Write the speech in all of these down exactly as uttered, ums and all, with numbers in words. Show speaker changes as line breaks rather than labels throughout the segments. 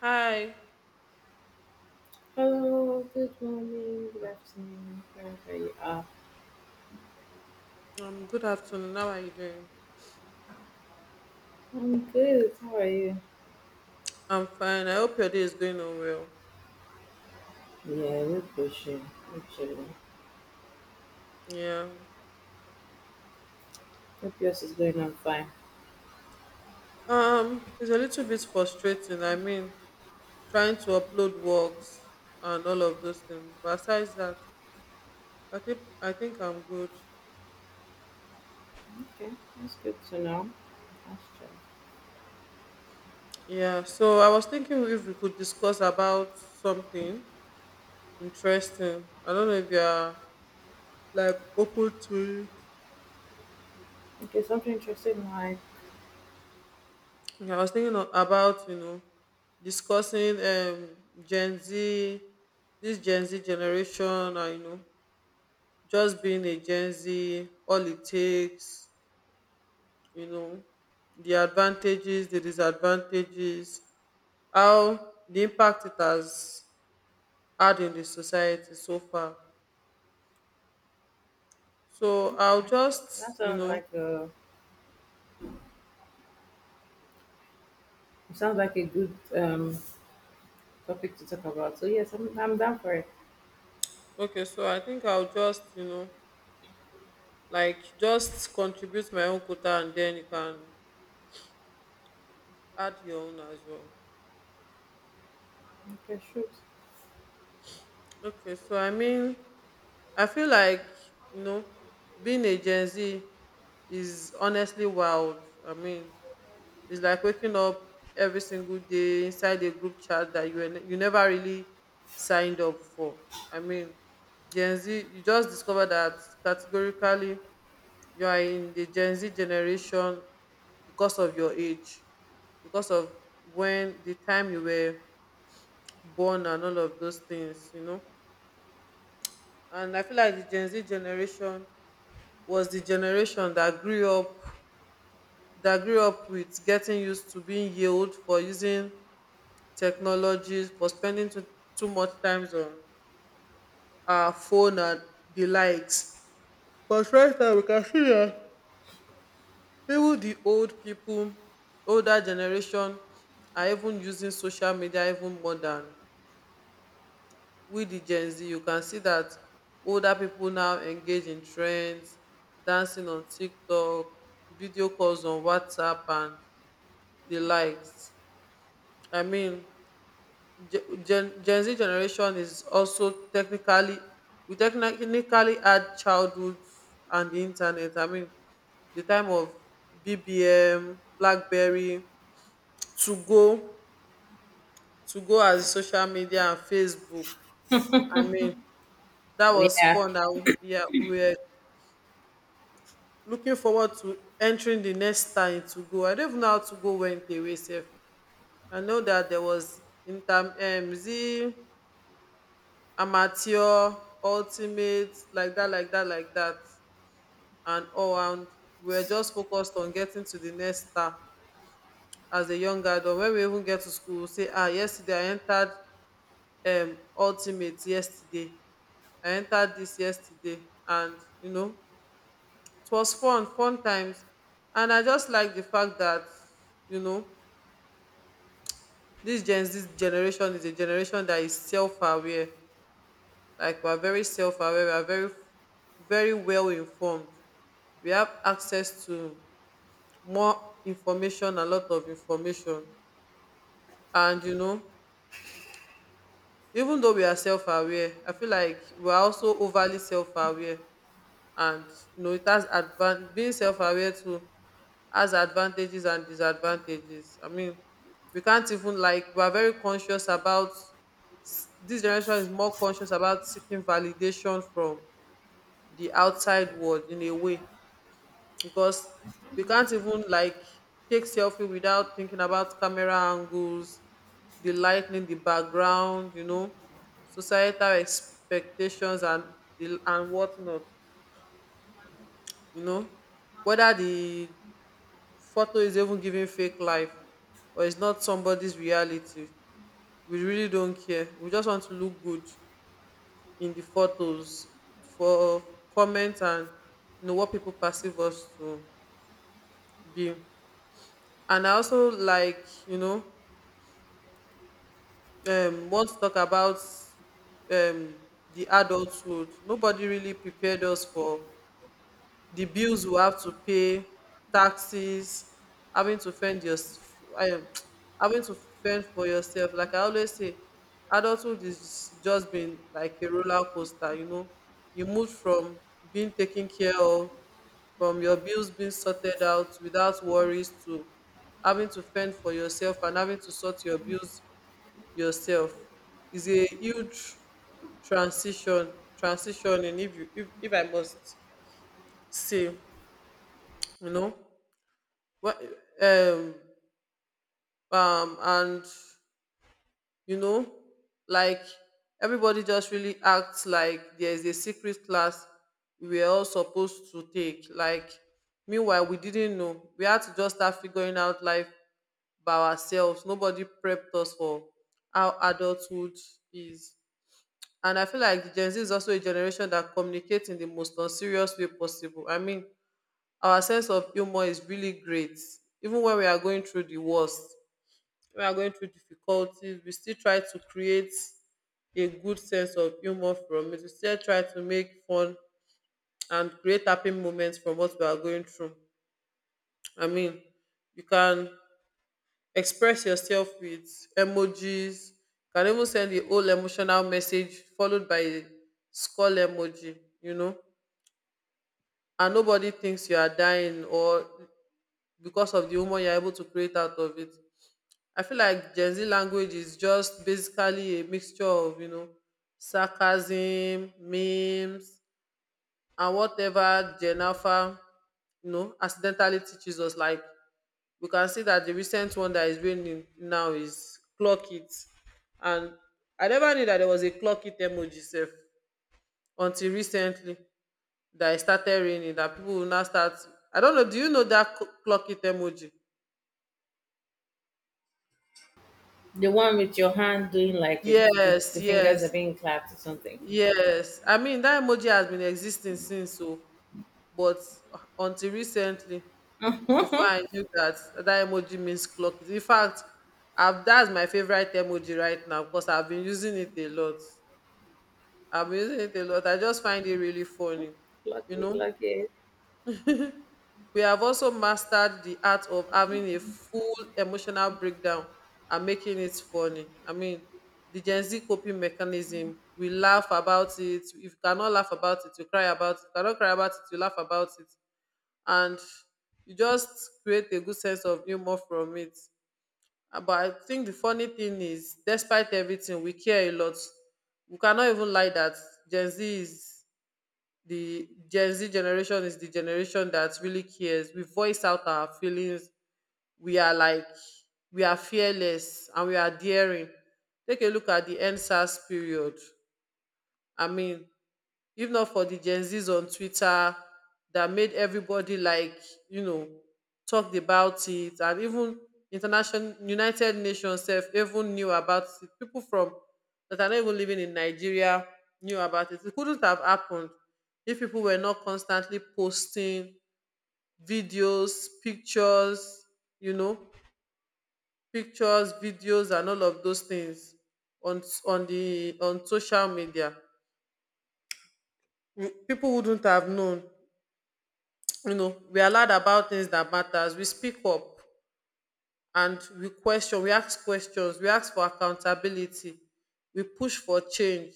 Hi.
Hello, good morning, good afternoon, wherever you are.
Um. Good afternoon. How are you doing?
I'm good. How are you?
I'm fine. I hope your day is going on well.
Yeah, we're pushing. We're chilling.
Yeah.
Hope yours is going on fine.
Um. It's a little bit frustrating. I mean, trying to upload works and all of those things. But besides that, I think I think I'm good.
Okay, that's good to know. That's true.
Yeah. So I was thinking if we could discuss about something interesting. I don't know if you are like open to it.
Okay, something interesting in life.
Okay, I was thinking of, about you know discussing um Gen Z, this Gen Z generation, and you know just being a Gen Z, all it takes, you know, the advantages, the disadvantages, how the impact it has had in the society so far. So I'll
Okay,
just
that
you
sounds
know
like a it sounds like a good um topic to talk about. So yes, I'm I'm down for it.
Okay, so I think I'll just you know like just contribute my own quota, and then you can add your own as well.
Okay, shoot.
Okay, so I mean, I feel like you know, being a Gen Z is honestly wild. I mean, it's like waking up every single day inside a group chat that you were ne- you never really signed up for. I mean, Gen Z, you just discover that categorically you are in the Gen Z generation because of your age, because of when the time you were born and all of those things. You know And I feel like the Gen Z generation was the generation that grew up that grew up with getting used to being yelled for using technologies, for spending too, too much time on our phone and the likes. But right now we can see that even the old people, older generation are even using social media even more than. With the Gen Z you can see that older people now engage in trends, dancing on TikTok, video calls on WhatsApp and the likes. I mean, ge- gen, gen Z generation is also technically, we technically add childhood and the internet. I mean, the time of BBM, Blackberry, to go to go as social media and Facebook. I mean, that was
Yeah,
fun, and we- yeah, we were looking forward to entering the next time to go. I don't even know how to go went away sef. I know that there was inter, um is it amateur, ultimate, like that, like that, like that, and all. And we were just focused on getting to the next star as a young adult. When we even get to school, we say, ah, yesterday I entered um ultimate yesterday. I entered this yesterday. And you know, it was fun, fun times. And I just like the fact that, you know, this gen this generation is a generation that is self-aware. Like we are very self-aware, we are very, very well informed. We have access to more information, a lot of information. And you know, even though we are self-aware, I feel like we are also overly self-aware. And you know, it has advan being self-aware too has advantages and disadvantages. I mean, we can't even like we are very conscious about, s- this generation is more conscious about seeking validation from the outside world in a way, because we can't even like take selfie without thinking about camera angles, the lighting, the background, you know, societal expectations and the and whatnot, you know, whether the photo is even giving fake life or it's not somebody's reality. We really don't care, we just want to look good in the photos for comments and you know what people perceive us to be. And I also like, you know um want to talk about um the adulthood nobody really prepared us for: the bills you have to pay, taxes, having to fend your, um, having to fend for yourself. Like I always say, adulthood is just been like a roller coaster. You know, you move from being taken care of, from your bills being sorted out without worries, to having to fend for yourself and having to sort your bills yourself. Is a huge transition transitioning, if you if, if I must say. You know, well, um, um, and you know, like everybody just really acts like there is a secret class we were all supposed to take. Like, meanwhile, we didn't know. We had to just start figuring out life by ourselves. Nobody prepped us for how adulthood is. And I feel like Gen Z is also a generation that communicates in the most unserious way possible. I mean, our sense of humor is really great, even when we are going through the worst, when we are going through difficulties, we still try to create a good sense of humor from it. We still try to make fun and create happy moments from what we are going through. I mean, you can express yourself with emojis. You can even send the whole emotional message followed by a skull emoji, you know, and nobody thinks you are dying, or because of the humor you are able to create out of it. I feel like Gen Z language is just basically a mixture of, you know, sarcasm, memes, and whatever Gen Alpha, you know, accidentally teaches us. Like, we can see that the recent one that is raining now is clock it. And I never knew that there was a clock it emoji self until recently, that it started raining, that people will now start. I don't know, do you know that cl- clock it emoji?
the one with your hand doing like it's the,
Yes,
the
yes.
fingers are being clapped or something.
Yes, I mean that emoji has been existing since so, but uh, until recently, before I knew that that emoji means clock. In fact, I've, that's my favorite emoji right now because I've been using it a lot. I've been using it a lot. I just find it really funny, you
Lucky,
know.
lucky.
We have also mastered the art of having a full emotional breakdown and making it funny. I mean, the Gen Z coping mechanism, we laugh about it. If you cannot laugh about it, you cry about it. If you cannot cry about it, you laugh about it. And you just create a good sense of humor from it. Ah, but I think the funny thing is, despite everything, we care a lot. We cannot even lie that Gen Z is the Gen Z generation is the generation that really cares. We voice out our feelings. We are like we are fearless and we are daring. Take a look at the N SARS period. I mean, if not for the Gen Zs on Twitter that made everybody like, you know, talked about it, and even international United Nations self even knew about it. People from that are not even living in Nigeria knew about it. It couldn't have happened if people were not constantly posting videos, pictures, you know, pictures, videos and all of those things on on the on social media. People wouldn't have known. You know, we are loud about things that matters. We speak up and we question, we ask questions, we ask for accountability, we push for change.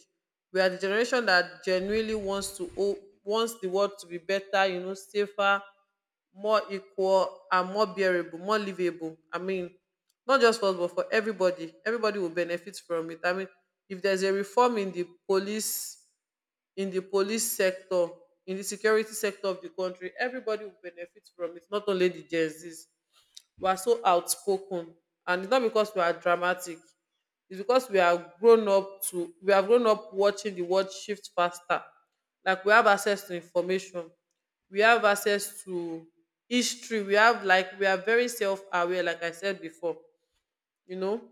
We are the generation that genuinely wants to o- wants the world to be better, you know, safer, more equal and more bearable, more livable. I mean, not just for us but for everybody, everybody will benefit from it. I mean, if there's a reform in the police in the police sector, in the security sector of the country, everybody will benefit from it, not only the Gen Zs. We are so outspoken. And it's not because we are dramatic. It's because we are grown up to we have grown up watching the world shift faster. Like we have access to information. We have access to history. We have like we are very self aware, like I said before. You know,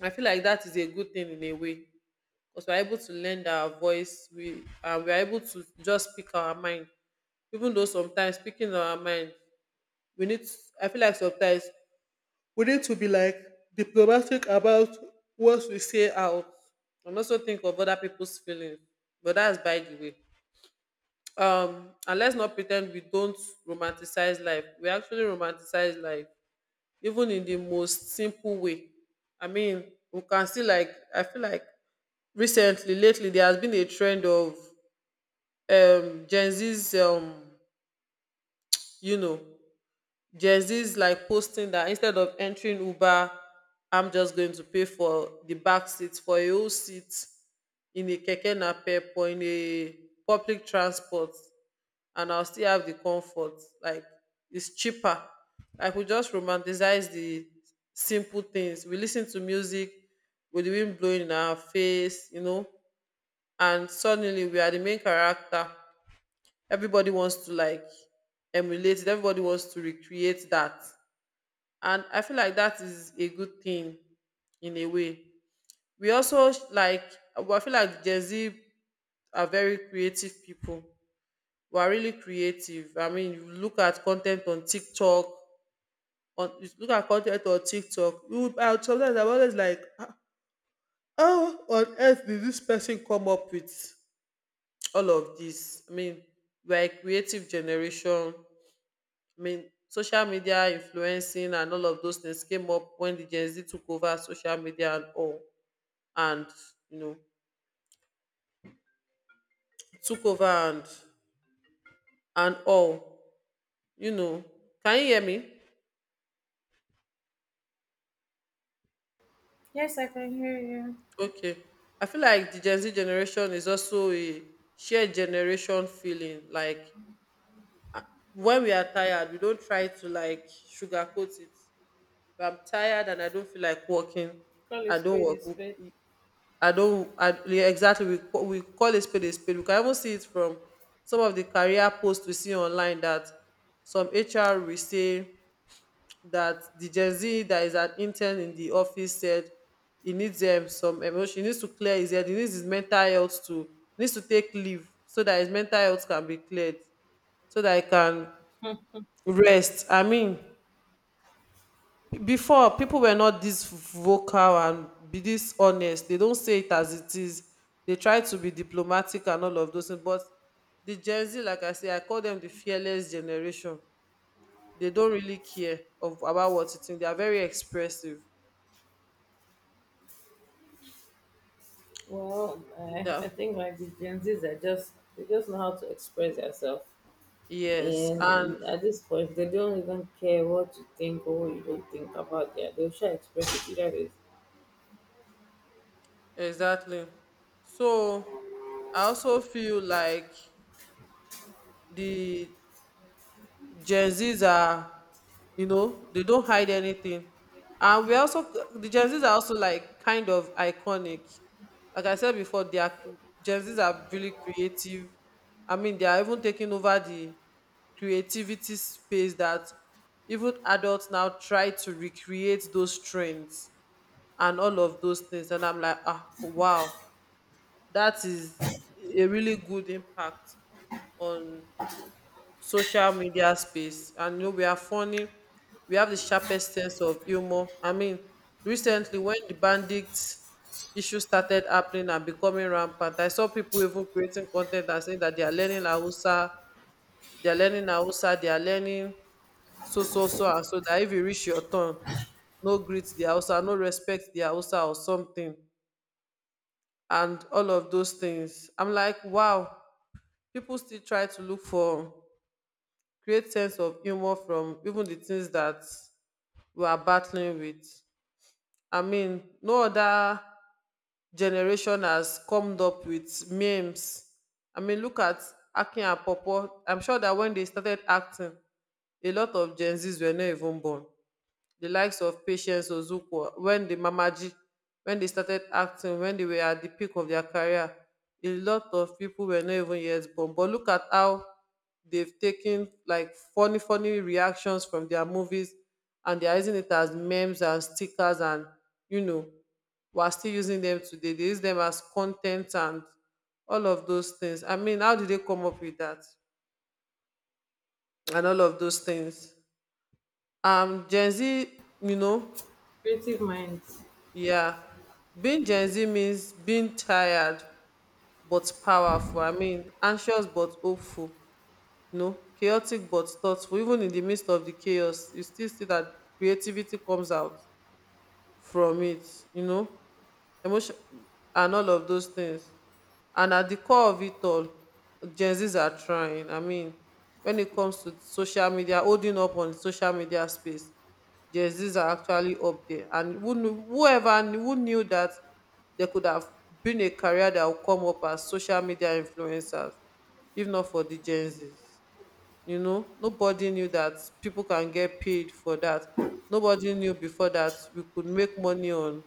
I feel like that is a good thing in a way, because we're able to lend our voice we and we're able to just speak our mind. Even though sometimes speaking our mind we need I feel like sometimes we need to be like diplomatic about what we say out and also think of other people's feelings. But that's by the way. um and let's not pretend we don't romanticize life. We actually romanticize life even in the most simple way. I mean, we can see like I feel like recently, lately, there has been a trend of um Gen Z's, um you know Gen Z's like posting that instead of entering Uber, I'm just going to pay for the back seat for a whole seat in a keke napep or in a public transport and I'll still have the comfort. Like it's cheaper. Like we just romanticize the simple things. We listen to music with the wind blowing in our face, you know, and suddenly we are the main character. Everybody wants to like emulate it, everybody wants to recreate that. And I feel like that is a good thing in a way. We also sh- like I feel like Gen Z are very creative people, we are really creative. I mean, you look at content on TikTok, on you look at content on TikTok. You would, I, would- Sometimes I'm always like, "Ah, how on earth did this person come up with all of this?" I mean, we're a creative generation. I mean, social media influencing and all of those things came up when the Gen Z took over social media and all, and you know, took over, and and all. You know, can you hear me?
Yes, I can hear you.
Okay. I feel like the Gen Z generation is also a shared generation feeling. Like when we are tired, we don't try to like sugarcoat it. If I'm tired and I don't feel like working,
Call a
I don't
spade
work.
a spade.
We- I don't. I, yeah, exactly. We call, we call a spade a spade. We can even see it from some of the career posts we see online that some H R will say that the Gen Z that is an intern in the office said he needs um, some emotion. He needs to clear his head. He needs his mental health to he needs to take leave so that his mental health can be cleared, so that he can rest. I mean, before people were not this vocal and be this honest. They don't say it as it is. They try to be diplomatic and all of those things. But the Gen Z, like I say, I call them the fearless generation. They don't really care of about what you think. They are very expressive.
Well, I,
Yeah.
I think like the Gen Zs are just they just know how to express themselves,
Yes, and
and at this point they don't even care what you think or what you don't think about that. They'll share express it. That is
exactly. So I also feel like the Gen Zs are, you know, they don't hide anything. And we also, the Gen Zs are also like kind of iconic. Like I said before, they are, Gen Zs are really creative. I mean, they are even taking over the creativity space that even adults now try to recreate those trends and all of those things. And I'm like, ah, wow, that is a really good impact on social media space, and you know we are funny. We have the sharpest sense of humor. I mean, recently when the bandits issue started happening and becoming rampant, I saw people even creating con ten t and saying that they are learning Hausa, they are learning Hausa, they are learning so so so and so, that if you reach your turn, no greet the Hausa, no respect the Hausa, or something, and all of those things. I'm like, wow, people still try to look for create sense of humour from even the things that we are battling with. I mean, no other generation has comed up with memes. I mean, look at Akin and Pawpaw. I'm sure that when they started acting, a lot of Gen Z's were not even born. The likes of Patience Ozukwu, when the Mamaji, when they started acting, when they were at the peak of their career, a lot of people were not even yet born. But look at how they've taken like funny funny reactions from their movies, and they are using it as memes and stickers, and you know we're still using them today. They use them as content and all of those things. I mean, how did they come up with that and all of those things? Um gen Z, you know
creative minds.
Yeah. Being Gen Z means being tired but powerful. I mean, anxious but hopeful. You know, chaotic but thoughtful. Even in the midst of the chaos, you still see that creativity comes out from it, you know emotion and all of those things. And at the core of it all, Gen Zs are trying. I mean, when it comes to social media, holding up on social media space, Gen Zs are actually up there. And who knew, whoever knew- who knew that there could have been a career that would come up as social media influencers, if not for the Gen Zs. You know, nobody knew that people can get paid for that. Nobody knew before that we could make money on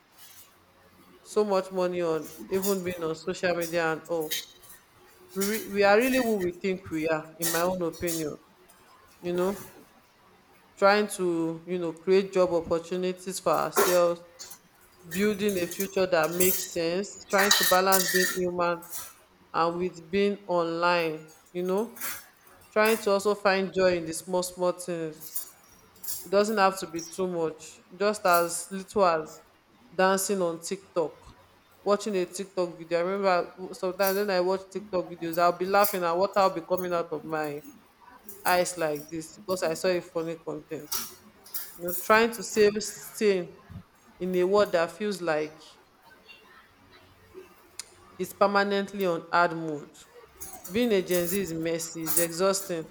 so much money on even being on social media and all. We, re- we are really who we think we are, in my own opinion. You know, Trying to, you know, create job opportunities for ourselves, building a future that makes sense, trying to balance being human and with being online, you know, trying to also find joy in the small, small things. It doesn't have to be too much. Just as little as dancing on TikTok, watching a TikTok video. I remember sometimes when I watch TikTok videos, I'll be laughing and water will be coming out of my eyes like this because I saw a funny content. You know, trying to save stain in a world that feels like is permanently on hard mode. Being a Gen Z is messy, it's exhausting,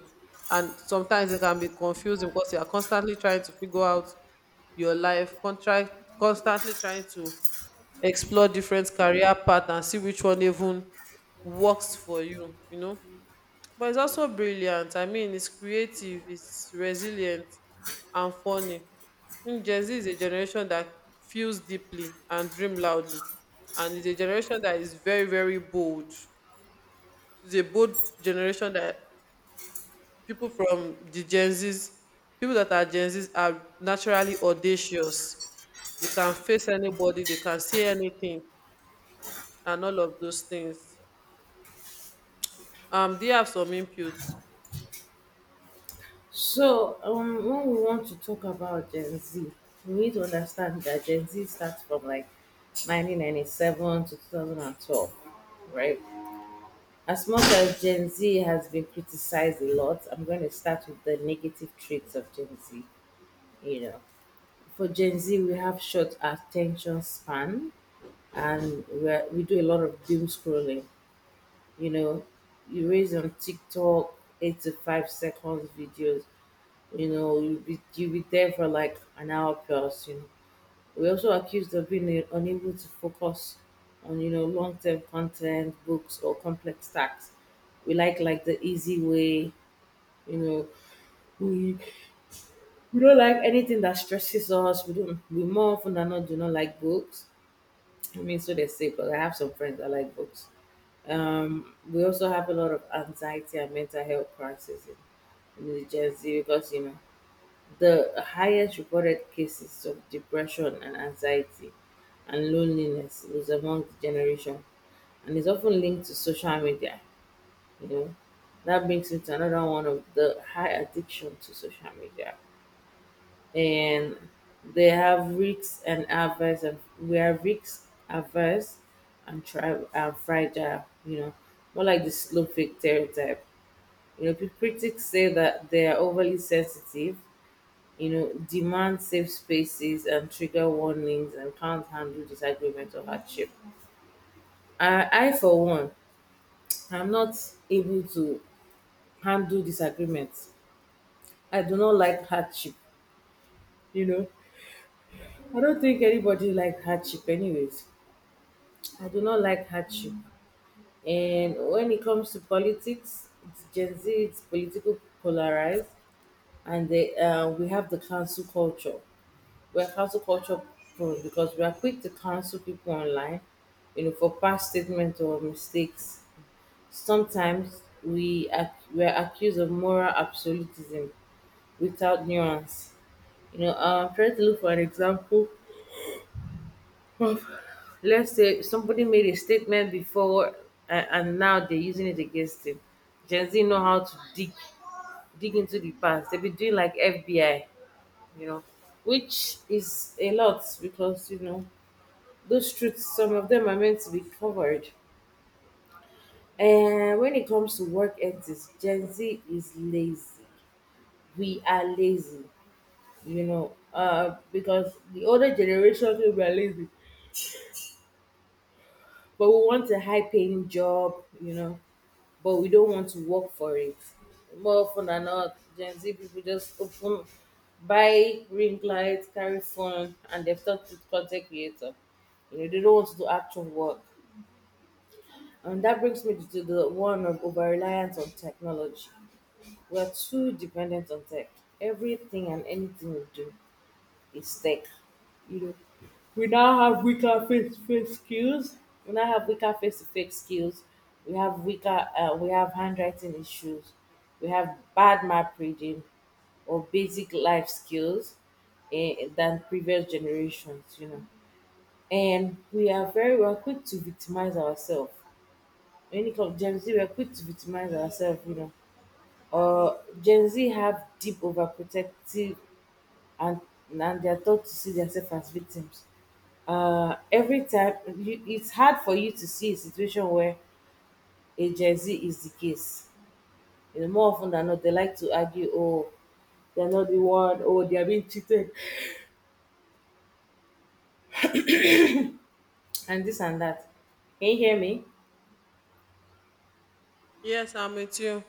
and sometimes it can be confusing because you are constantly trying to figure out your life, contract, constantly trying to explore different career paths and see which one even works for you, you know. But it's also brilliant. I mean, it's creative, it's resilient, and funny. Mm, Gen Z is a generation that feels deeply and dream loudly, and it's a generation that is very, very bold. It's a bold generation that people from the Gen Zs, people that are Gen Zs, are naturally audacious. They can face anybody, they can say anything, and all of those things. Um, do you have some inputs?
So um, when we want to talk about Gen Z, we need to understand that Gen Z starts from like nineteen ninety-seven to two thousand twelve, right? As much as Gen Z has been criticized a lot, I'm going to start with the negative traits of Gen Z. You know, for Gen Z, we have short attention span and we're, we do a lot of doom scrolling. You know, you raise on TikTok eight to five seconds videos, you know, you'll be, you'll be there for like an hour plus, you know, were also accused of being uh, unable to focus on, you know, long-term content books or complex tasks. We like like the easy way, you know. We we don't like anything that stresses us. We don't we more often than not do not like books. I mean, so they say, but I have some friends that like books. Um we also have a lot of anxiety and mental health crisis in, in the Gen Z, because, you know, the highest reported cases of depression and anxiety and loneliness was among the generation, and is often linked to social media, you know. That brings me to another one of the high addiction to social media. And they have risks and averse, and we are risk averse and tri- and fragile, you know, more like the slow fake stereotype. You know, pe- critics say that they are overly sensitive, you know, demand safe spaces and trigger warnings and can't handle disagreement or hardship. I, I for one, I'm not able to handle disagreements. I do not like hardship, you know. I don't think anybody like hardship anyways. I do not like hardship. And when it comes to politics, it's Gen Z, it's political polarized, and they, uh, we have the cancel culture. We are cancel culture prone because we are quick to cancel people online, you know, for past statements or mistakes. Sometimes we are, we are accused of moral absolutism without nuance. You know, uh, I'm trying to look for an example of, let's say, somebody made a statement before, and, and now they're using it against him. Gen Z know how to dig dig into the past. They've been doing like F B I, you know, which is a lot because, you know, those truths, some of them are meant to be covered. And when it comes to work ethics, Gen Z is lazy. We are lazy, you know, uh, because the older generation we are lazy. But we want a high paying job, you know, but we don't want to work for it. More often than not, Gen Z people just open, buy ring light, carry phone, and they've talked to content creator. You know, they don't want to do actual work. And that brings me to the one of over reliance on technology. We're too dependent on tech. Everything and anything we do is tech. You know, we now have weaker face-to-face skills. We now have weaker face-to-face skills. We have weaker. Uh, we have handwriting issues. We have bad map reading or basic life skills, eh, than previous generations. You know, and we are very well quick to victimize ourselves. When it comes to Gen Z, we are quick to victimize ourselves. You know, uh, Gen Z have deep overprotective, and and they are taught to see themselves as victims. Uh, every time you, it's hard for you to see a situation where a Gen Z is the case. You know, more often than not, they like to argue, oh, they're not the one, oh, they are being cheated, and this and that. Can you hear me?
Yes, I'm with you.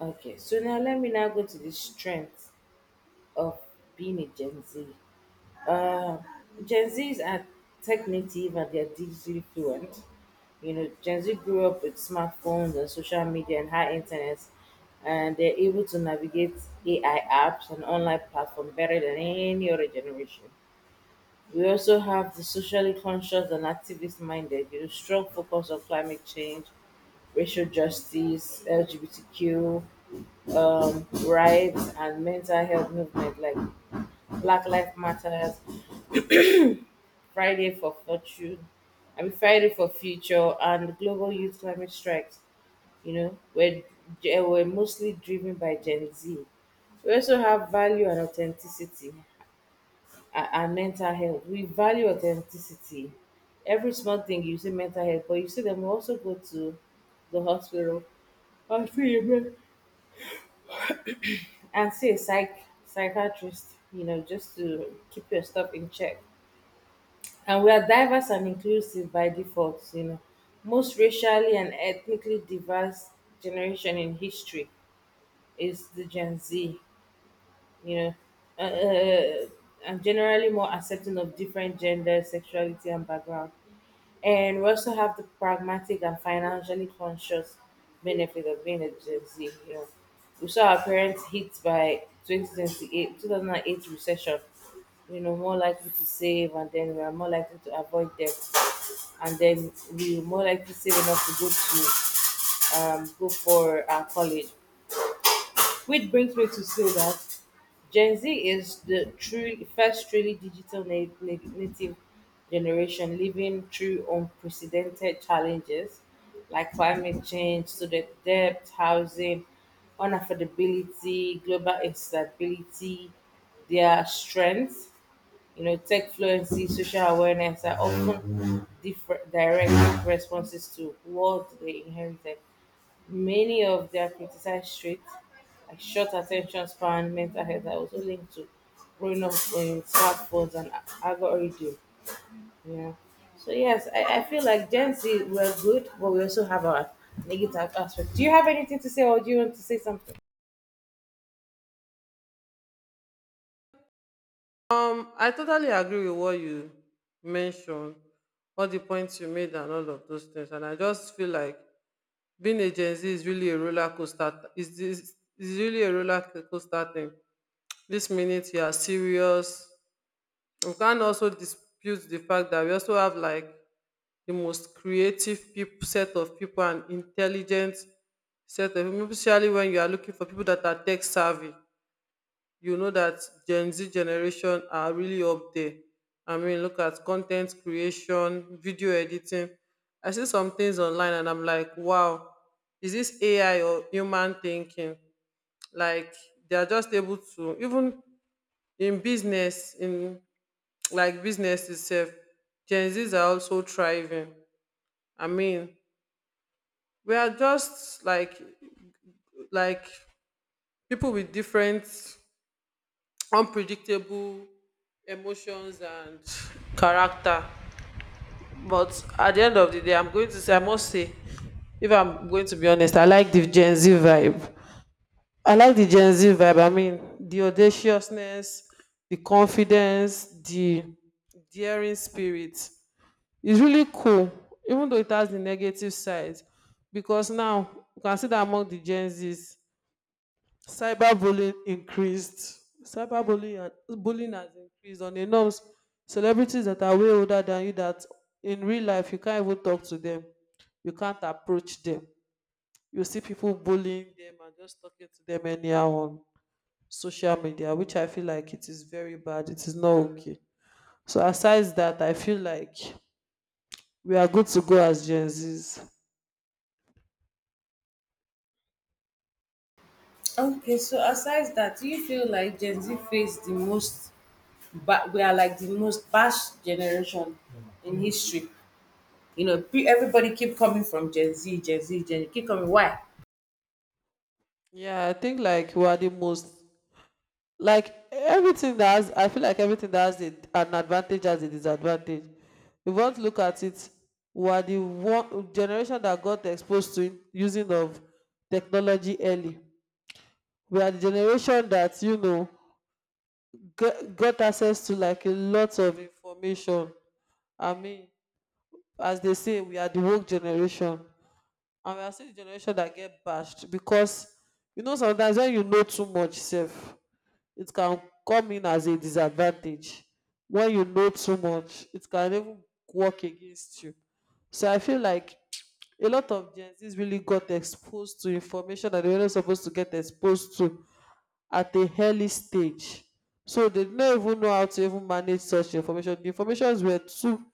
Okay, so now let me now go to the strength of being a Gen Z. uh, Gen Zs are tech native and they're digitally fluent. You know, Gen Z grew up with smartphones and social media and high internet, and they're able to navigate A I apps and online platforms better than any other generation. We also have the socially conscious and activist minded, you know, strong focus on climate change, racial justice, L G B T Q um, rights, and mental health movement like Black Lives Matters, Friday for Fortune, I mean Friday for Future, and Global Youth Climate Strikes. You know, were they were mostly driven by Gen Z. We also have value and authenticity, and, and mental health. We value authenticity. Every small thing you see mental health, but you see them also go to the hospital and see a med- and see a psych psychiatrist. You know, just to keep your stuff in check. And we are diverse and inclusive by default, you know. Most racially and ethnically diverse generation in history is the Gen Z, you know, uh, uh, uh, and generally more accepting of different gender, sexuality, and background. And we also have the pragmatic and financially conscious benefit of being a Gen Z. You know, we saw our parents hit by two thousand eight two thousand eight recession. You know, more likely to save, and then we are more likely to avoid debt, and then we more likely save enough to go to um, go for uh, college. Which brings me to say that Gen Z is the true first truly digital na- na- native generation living through unprecedented challenges like climate change, student debt, housing, unaffordability, global instability. Their strengths, you know, tech fluency, social awareness, are often different direct responses to what they inherited. Many of their criticized traits, like short attention span, mental health, are also linked to growing up on smartphones and algorithm. Yeah. So yes, I, I feel like Gen Z we're good, but we also have our negative aspect. Do you have anything to say, or do you want to say something?
Mm, I totally agree with what you mentioned, all the points you made, and all of those things. And I just feel like being a Gen Z is really a roller coaster. Is this is really a roller coaster thing? This minute you are serious. We can also dispute the fact that we also have like the most creative people, set of people, and intelligent set of people, especially when you are looking for people that are tech savvy. You know that Gen Z generation are really up there. I mean, look at content creation, video editing. I see some things online and I'm like, wow, is this A I or human thinking? Like they are just able to, even in business, in like business itself, Gen Zs are also thriving. I mean, we are just like like people with different unpredictable emotions and character. But at the end of the day, I'm going to say, I must say, if I'm going to be honest, I like the Gen Z vibe. I like the Gen Z vibe. I mean, the audaciousness, the confidence, the daring spirit. It's really cool, even though it has the negative side, because now you can see that among the Gen Zs, cyberbullying increased. Cyberbullying and bullying has increased on a norms. Celebrities that are way older than you, that in real life you can't even talk to them. You can't approach them. You see people bullying them and just talking to them anyhow on social media, which I feel like it is very bad. It is not okay. So aside that, I feel like we are good to go as Gen Zs.
Okay, so aside that, do you feel like Gen Z face the most, but we are like the most bashed generation in history. You know, pe- everybody keep coming from Gen Z, Gen Z, Gen Z, keep coming. Why?
Yeah, I think like we are the most, like everything that has, I feel like everything that has a, an advantage has a disadvantage if you want to look at it. We are the one generation that got exposed to using of technology early. We are the generation that you know got, got access to like a lot of information. I mean, as they say, we are the woke generation, and we are still the generation that get bashed because you know sometimes when you know too much self, it can come in as a disadvantage. When you know too much, it can even work against you. So I feel like a lot of Gen Z's really got exposed to information that they were not supposed to get exposed to at a early stage, so they did not even know how to even manage such information. The informations were too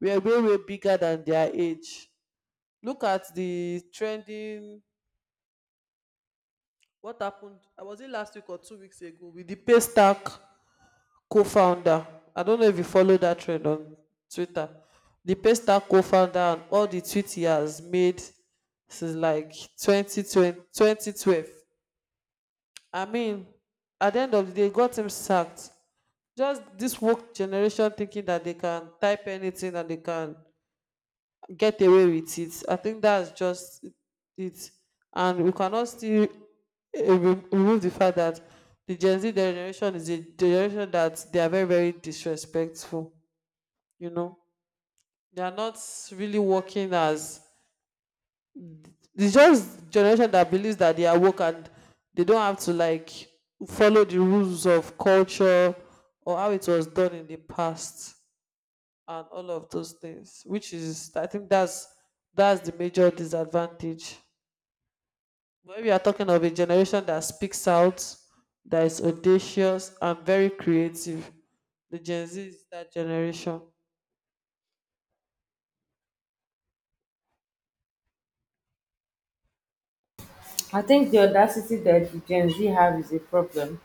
were way way bigger than their age. Look at the trending, what happened, was it last week or two weeks ago, with the pay stack co-founder. I don't know if you follow that trend on Twitter. The Paystack co-founder, and all the tweets he has made since like twenty twenty, twenty twelve, I mean, at the end of the day got him sacked. Just this woke generation thinking that they can type anything and they can get away with it. I think that's just it. And we cannot still uh, re- remove the fact that the Gen Z generation is a generation that they are very, very disrespectful. You know, they are not really working as, it's just generation that believes that they are woke and they don't have to like follow the rules of culture or how it was done in the past and all of those things, which is, I think that's that's the major disadvantage. But we are talking of a generation that speaks out, that is audacious and very creative. The Gen Z is that generation.
I think the audacity that the Gen Z have is a problem,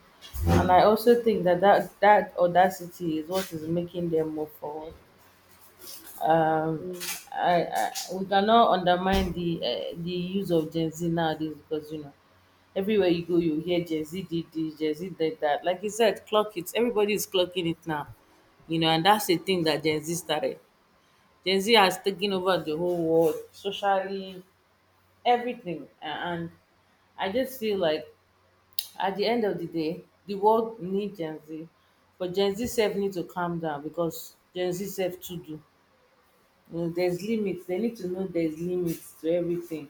and I also think that that, that audacity is what is making them move forward. um,
Mm.
I, I we cannot undermine the uh, the use of Gen Z nowadays, because, you know, everywhere you go you hear Gen Z did this, Gen Z did that. Like you said, clock it. Everybody is clocking it now, you know, and that's the thing that Gen Z started. Gen Z has taken over the whole world socially, everything, A- and I just feel like at the end of the day, the world needs Gen Z, but Gen Z self need to calm down, because Gen Z self too do, you know, there's limits, they need to know there's limits to everything,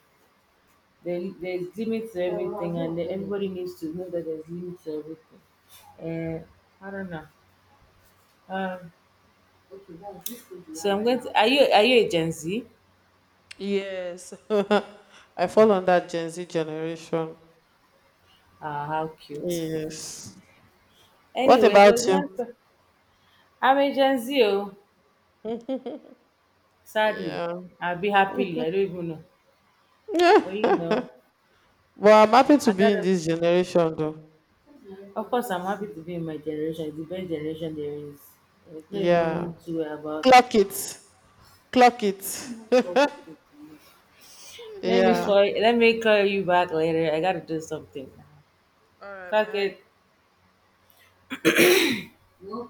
there, there's limits to everything, and then everybody needs to know that there's limits to everything. Uh, I don't know um, so I'm going to, are you are you a Gen Z?
Yes. I fall on that Gen Z generation.
Ah, how cute.
Yes. What
Anyways, it was
about
nice
you?
to, I'm a Gen Z. Oh, sadly,
Yeah.
I'll be happily, I don't even know, but
Yeah.
you know,
Well, I'm happy to
I
be in
gotta,
this generation though.
of course I'm happy to be in my generation, it's the best generation there is, there's no
Yeah.
even two way about
Clock it. Clock it.
it. Let me
Yeah.
call. Let me call you back later. I gotta do something.
All right,
Cock
bye.
it.